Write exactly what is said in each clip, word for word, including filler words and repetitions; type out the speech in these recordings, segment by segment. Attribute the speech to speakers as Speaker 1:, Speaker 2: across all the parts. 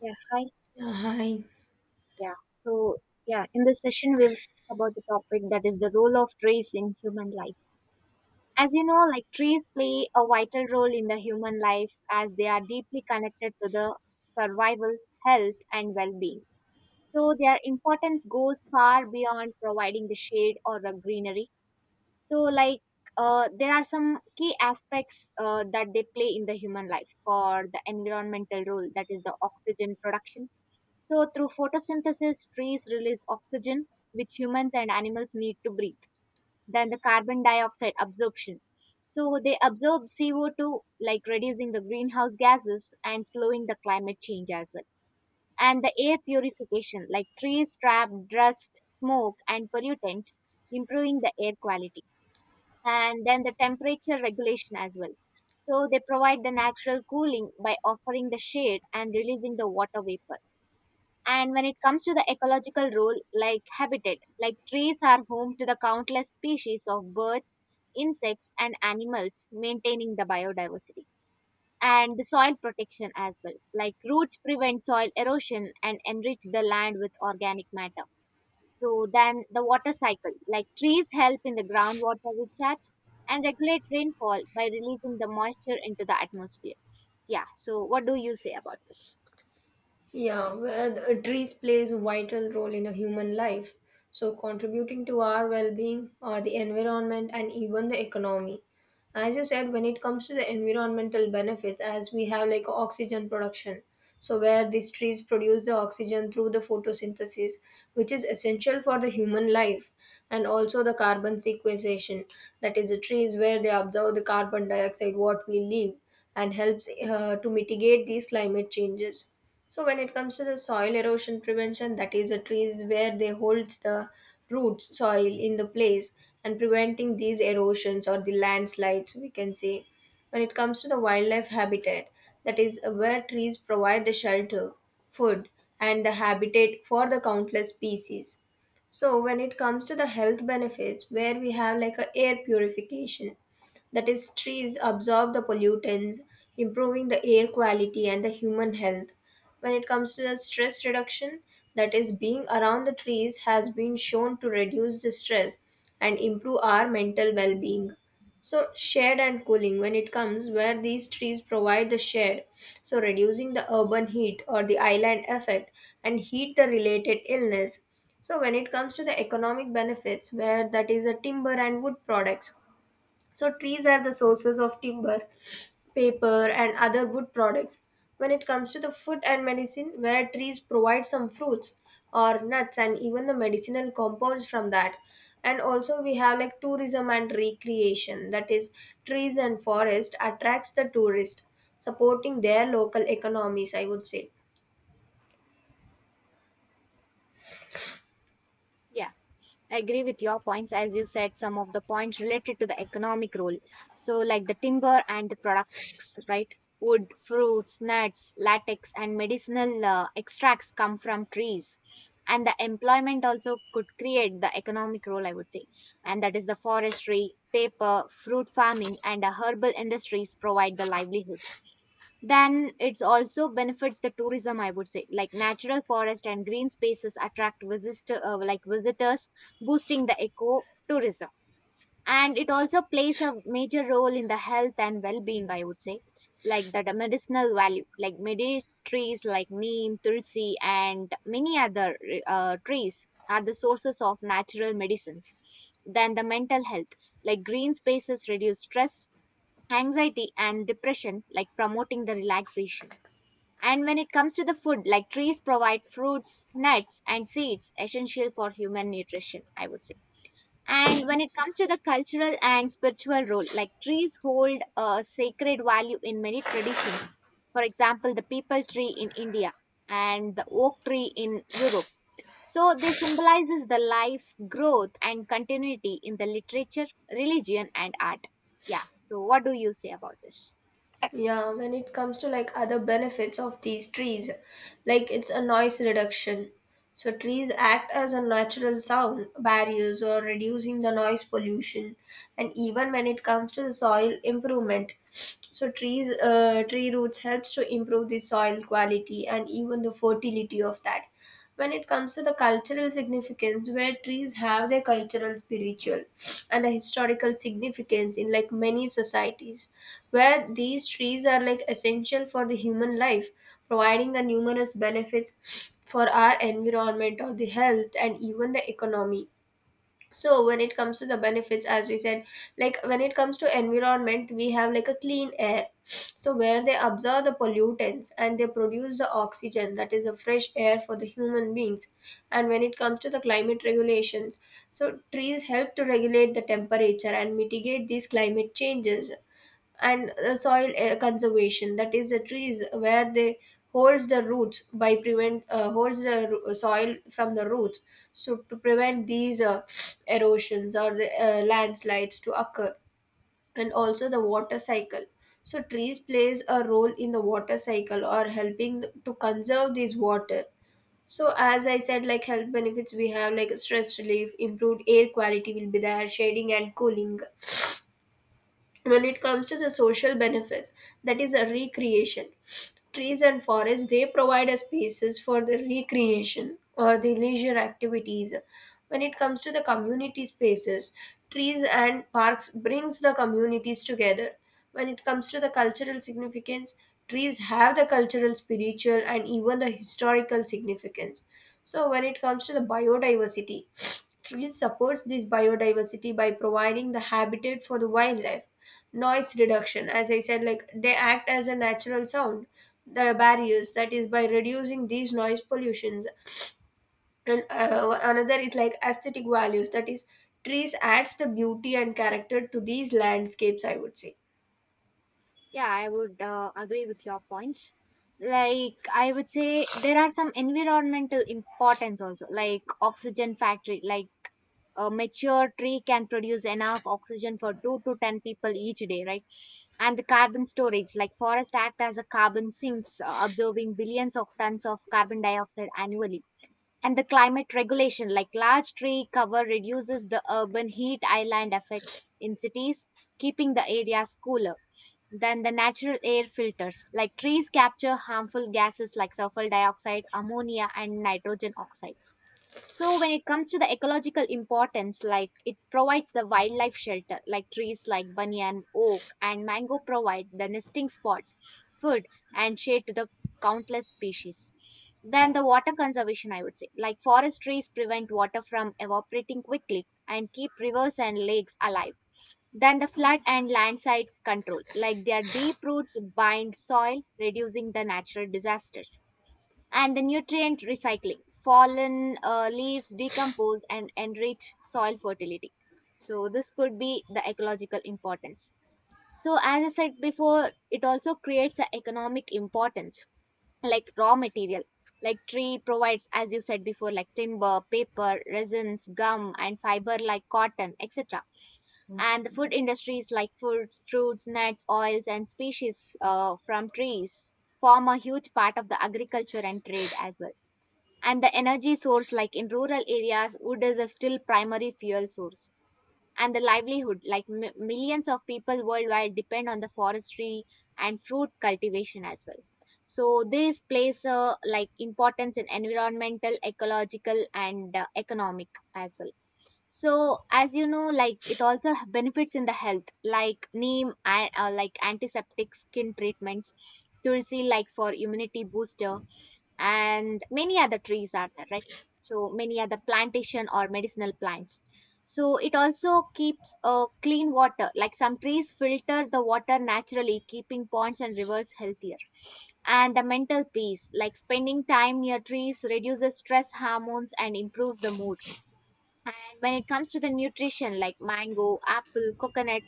Speaker 1: Yeah, hi.
Speaker 2: 呀，嗨。
Speaker 1: Yeah, so yeah, in this session we'll speak about the topic that is the role of trees in human life. As you know, like trees play a vital role in the human life as they are deeply connected to the survival, health, and well-being. So their importance goes far beyond providing the shade or the greenery. so like uh, there are some key aspects uh, that they play in the human life for the environmental role that is the oxygen production, so through photosynthesis trees release oxygen which humans and animals need to breathe. Then the carbon dioxide absorption, so they absorb C O two, like reducing the greenhouse gases and slowing the climate change as well. And the air purification, like trees trap dust, smoke, and pollutants, improving the air quality. And then the temperature regulation as well. So they provide the natural cooling by offering the shade and releasing the water vapor. And when it comes to the ecological role, like habitat, like trees are home to the countless species of birds, insects, and animals, maintaining the biodiversity. And the soil protection as well, like roots prevent soil erosion and enrich the land with organic matter. So then the water cycle, like trees help in the groundwater recharge and regulate rainfall by releasing the moisture into the atmosphere. Yeah, so what do you say about this?
Speaker 2: Yeah, where the trees plays a vital role in a human life, so contributing to our well-being or the environment and even the economy. As you said, when it comes to the environmental benefits, as we have like oxygen production, so where these trees produce the oxygen through the photosynthesis, which is essential for the human life, and also the carbon sequestration, that is the trees where they absorb the carbon dioxide what we leave and helps uh, to mitigate these climate changes. So when it comes to the soil erosion prevention, that is the trees where they holds the roots soil in the place and preventing these erosions or the landslides we can say. When it comes to the wildlife habitat, that is where trees provide the shelter, food and the habitat for the countless species. So when it comes to the health benefits, where we have like a air purification, that is trees absorb the pollutants, improving the air quality and the human health. When it comes to the stress reduction, that is being around the trees has been shown to reduce the stress and improve our mental well-being. So shade and cooling, when it comes where these trees provide the shade, so reducing the urban heat or the island effect and heat the related illness. So when it comes to the economic benefits, where that is the timber and wood products, so trees are the sources of timber, paper, and other wood products. When it comes to the food and medicine, where trees provide some fruits or nuts and even the medicinal compounds from that. And also we have like tourism and recreation, that is, trees and forest attracts the tourist, supporting their local economies, I would say.
Speaker 1: Yeah, I agree with your points as you said some of the points related to the economic role. So, like the timber and the products, right? Wood, fruits, nuts, latex, and medicinal uh, extracts come from trees. And the employment also could create the economic role, I would say. And that is the forestry, paper, fruit farming, and the herbal industries provide the livelihood. Then it's also benefits the tourism, I would say, like natural forest and green spaces attract visitor, uh, like visitors, boosting the eco tourism. And it also plays a major role in the health and well-being, I would say, like the medicinal value, like medi trees like neem, tulsi, and many other uh, trees are the sources of natural medicines. Then the mental health, like green spaces reduce stress, anxiety, and depression, like promoting the relaxation. And when it comes to the food, like trees provide fruits, nuts, and seeds, essential for human nutrition, I would say. And when it comes to the cultural and spiritual role, like trees hold a sacred value in many traditions. For example, the people tree in India and the oak tree in Europe. So they symbolizes the life, growth, and continuity in the literature, religion, and art. Yeah. So what do you say about this?
Speaker 2: Yeah, when it comes to like other benefits of these trees, like it's a noise reduction. So trees act as a natural sound barriers or reducing the noise pollution, and even when it comes to the soil improvement, so trees, uh, tree roots helps to improve the soil quality and even the fertility of that. When it comes to the cultural significance, where trees have their cultural spiritual and a historical significance in like many societies, where these trees are like essential for the human life, providing a numerous benefits for our environment or the health and even the economy. So when it comes to the benefits, as we said, like when it comes to environment, we have like a clean air, so where they absorb the pollutants and they produce the oxygen that is a fresh air for the human beings. And when it comes to the climate regulations, so trees help to regulate the temperature and mitigate these climate changes. And uh, soil uh, conservation, that is the trees where they holds the roots by prevent uh, holds the ro- uh, soil from the roots, so to prevent these uh, erosions or the uh, landslides to occur. And also the water cycle, so trees plays a role in the water cycle or helping to conserve this water. So as I said, like health benefits, we have like stress relief, improved air quality will be there, shading and cooling. When it comes to the social benefits, that is a recreation, trees and forests they provide us spaces for the recreation or the leisure activities. When it comes to the community spaces, trees and parks brings the communities together. When it comes to the cultural significance, trees have the cultural, spiritual, and even the historical significance. So, when it comes to the biodiversity, trees supports this biodiversity by providing the habitat for the wildlife. Noise reduction, as I said, like they act as a natural sound. The barriers, that is, by reducing these noise pollutions. And uh, another is like aesthetic values, that is, trees adds the beauty and character to these landscapes, I would say.
Speaker 1: Yeah, I would uh, agree with your points. Like, I would say there are some environmental importance also, like oxygen factory, like a mature tree can produce enough oxygen for two to ten people each day, right? And the carbon storage, like forest act as a carbon sinks, uh, absorbing billions of tons of carbon dioxide annually. And the climate regulation, like large tree cover reduces the urban heat island effect in cities, keeping the areas cooler. Then the natural air filters, like trees capture harmful gases like sulfur dioxide, ammonia, and nitrogen oxide. So when it comes to the ecological importance, like it provides the wildlife shelter, like trees like banyan, oak, and mango provide the nesting spots, food, and shade to the countless species. Then the water conservation, I would say, like forest trees prevent water from evaporating quickly and keep rivers and lakes alive. Then the flood and landslide control. Like their deep roots bind soil, reducing the natural disasters. And the nutrient recycling. Fallen uh, leaves decompose and enrich soil fertility. So, this could be the ecological importance. So, as I said before, it also creates an economic importance, like raw material. Like tree provides, as you said before, like timber, paper, resins, gum, and fiber like cotton, etc. And the food industries like food, fruits, nuts, oils, and species uh, from trees form a huge part of the agriculture and trade as well. And the energy source, like in rural areas, wood is a still primary fuel source. And the livelihood, like m- millions of people worldwide, depend on the forestry and fruit cultivation as well. So this plays a like importance in environmental, ecological, and uh, economic as well. So as you know, like it also h- benefits in the health, like neem and uh, like antiseptic skin treatments, tulsi like for immunity booster, and many other trees are there, right? So many other plantation or medicinal plants. So it also keeps uh, clean water, like some trees filter the water naturally, keeping ponds and rivers healthier. And the mental peace, like spending time near trees reduces stress hormones and improves the mood. And when it comes to the nutrition, like mango, apple, coconut,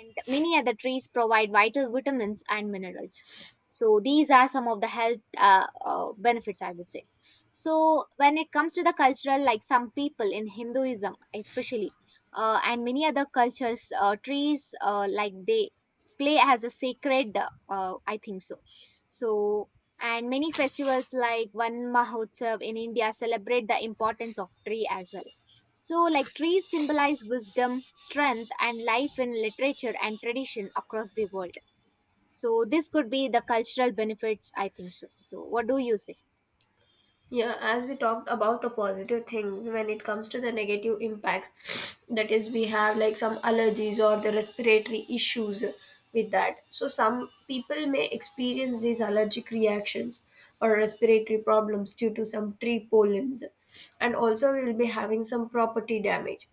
Speaker 1: and many other trees provide vital vitamins and minerals. So these are some of the health uh, uh, benefits, I would say. So when it comes to the cultural, like some people in Hinduism, especially, uh, and many other cultures, uh, trees uh, like they play as a sacred. Uh, I think so. So and many festivals like Van Mahotsav in India celebrate the importance of tree as well. So, like trees symbolize wisdom, strength, and life in literature and tradition across the world. So, this could be the cultural benefits, I think so. So, what do you say?
Speaker 2: Yeah, as we talked about the positive things, when it comes to the negative impacts, that is, we have like some allergies or the respiratory issues with that. So, some people may experience these allergic reactions or respiratory problems due to some tree pollens, and also we will be having some property damage,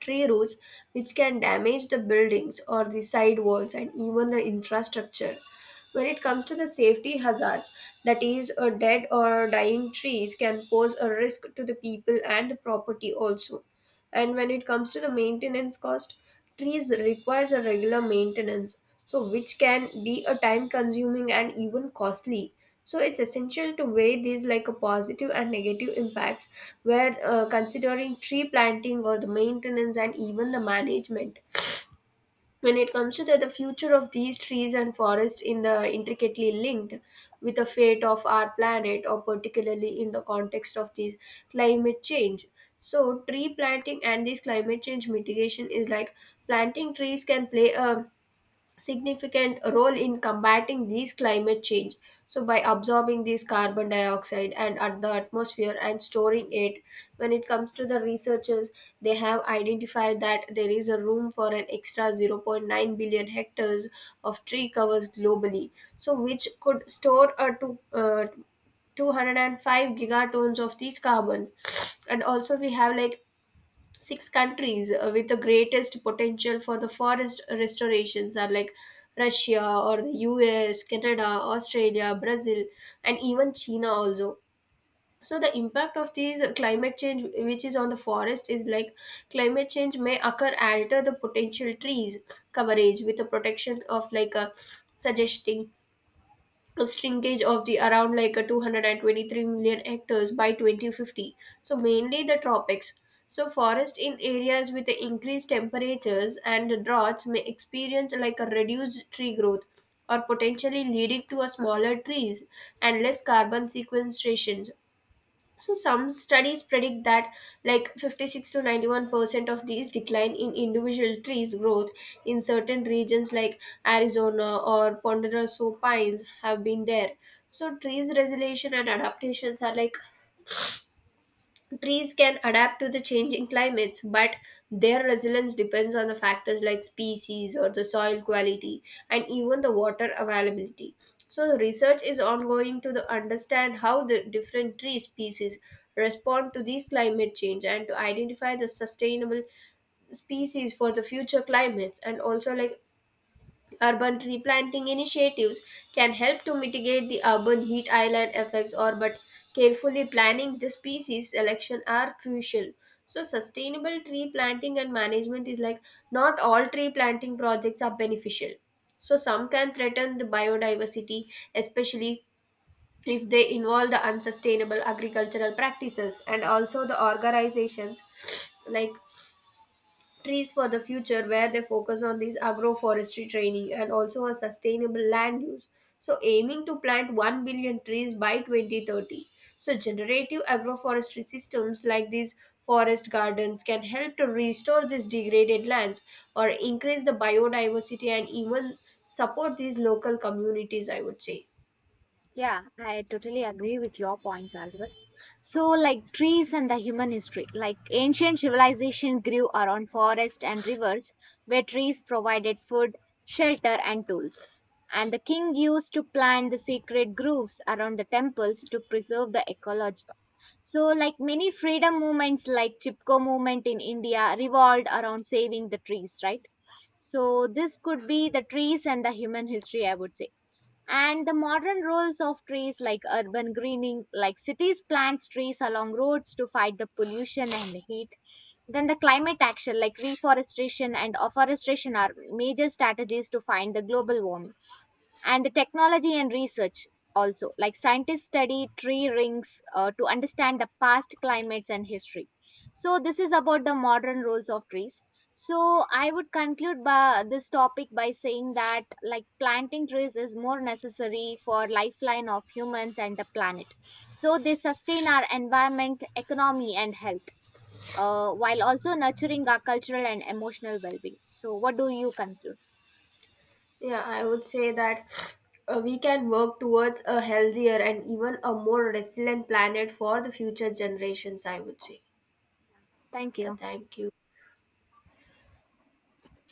Speaker 2: tree roots, which can damage the buildings or the side walls and even the infrastructure. When it comes to the safety hazards, that is, a dead or dying trees can pose a risk to the people and the property also. And when it comes to the maintenance cost, trees requires a regular maintenance, so which can be a time consuming and even costly. So it's essential to weigh these like a positive and negative impacts, where uh, considering tree planting or the maintenance and even the management. When it comes to that the future of these trees and forests in the intricately linked with the fate of our planet, or particularly in the context of these climate change. So tree planting and this climate change mitigation is like planting trees can play a significant role in combating these climate change, so by absorbing this carbon dioxide and at the atmosphere and storing it. When it comes to the researchers, they have identified that there is a room for an extra zero point zero point nine billion hectares of tree covers globally, so which could store a two, uh, two hundred and five gigatons of this carbon. And also we have like six countries uh, with the greatest potential for the forest restorations are like Russia or the U S, Canada, Australia, Brazil, and even China also. So the impact of these climate change, which is on the forest, is like climate change may occur alter the potential trees coverage with the protection of like a, suggesting a shrinkage of the around like a two hundred twenty-three million hectares by twenty fifty, so mainly the tropics. So forest in areas with the increased temperatures and the droughts may experience like a reduced tree growth or potentially leading to a smaller trees and less carbon sequestration. So some studies predict that like fifty-six to ninety-one percent of these decline in individual trees growth in certain regions like Arizona or ponderosa pines have been there. So trees resilience and adaptations are like trees can adapt to the changing climates, but their resilience depends on the factors like species or the soil quality and even the water availability. So, research is ongoing to the understand how the different tree species respond to these climate change and to identify the sustainable species for the future climates. And also like urban tree planting initiatives can help to mitigate the urban heat island effects, or but carefully planning the species selection are crucial. So sustainable tree planting and management is like not all tree planting projects are beneficial. So some can threaten the biodiversity, especially if they involve the unsustainable agricultural practices. And also the organizations like Trees for the Future, where they focus on these agroforestry training and also a sustainable land use. So, aiming to plant 1 billion trees by twenty thirty. So, generative agroforestry systems like these forest gardens can help to restore these degraded lands or increase the biodiversity and even support these local communities, I would say.
Speaker 1: Yeah, I totally agree with your points as well. So, like trees and the human history, like ancient civilization grew around forests and rivers where trees provided food, shelter, and tools. And the king used to plant the sacred groves around the temples to preserve the ecology. So, like many freedom movements, like Chipko movement in India, revolved around saving the trees, right? So, this could be the trees and the human history, I would say. And the modern roles of trees, like urban greening, like cities plants trees along roads to fight the pollution and heat. Then the climate action, like reforestation and afforestation are major strategies to fight the global warming. And the technology and research also, like scientists study tree rings uh, to understand the past climates and history. So this is about the modern roles of trees. So I would conclude by this topic by saying that like planting trees is more necessary for lifeline of humans and the planet. So they sustain our environment, economy, and health, uh, while also nurturing our cultural and emotional well-being. So what do you conclude?
Speaker 2: Yeah, I would say that uh, we can work towards a healthier and even a more resilient planet for the future generations, I would say.
Speaker 1: Thank
Speaker 2: Yeah,
Speaker 1: you.
Speaker 2: thank you.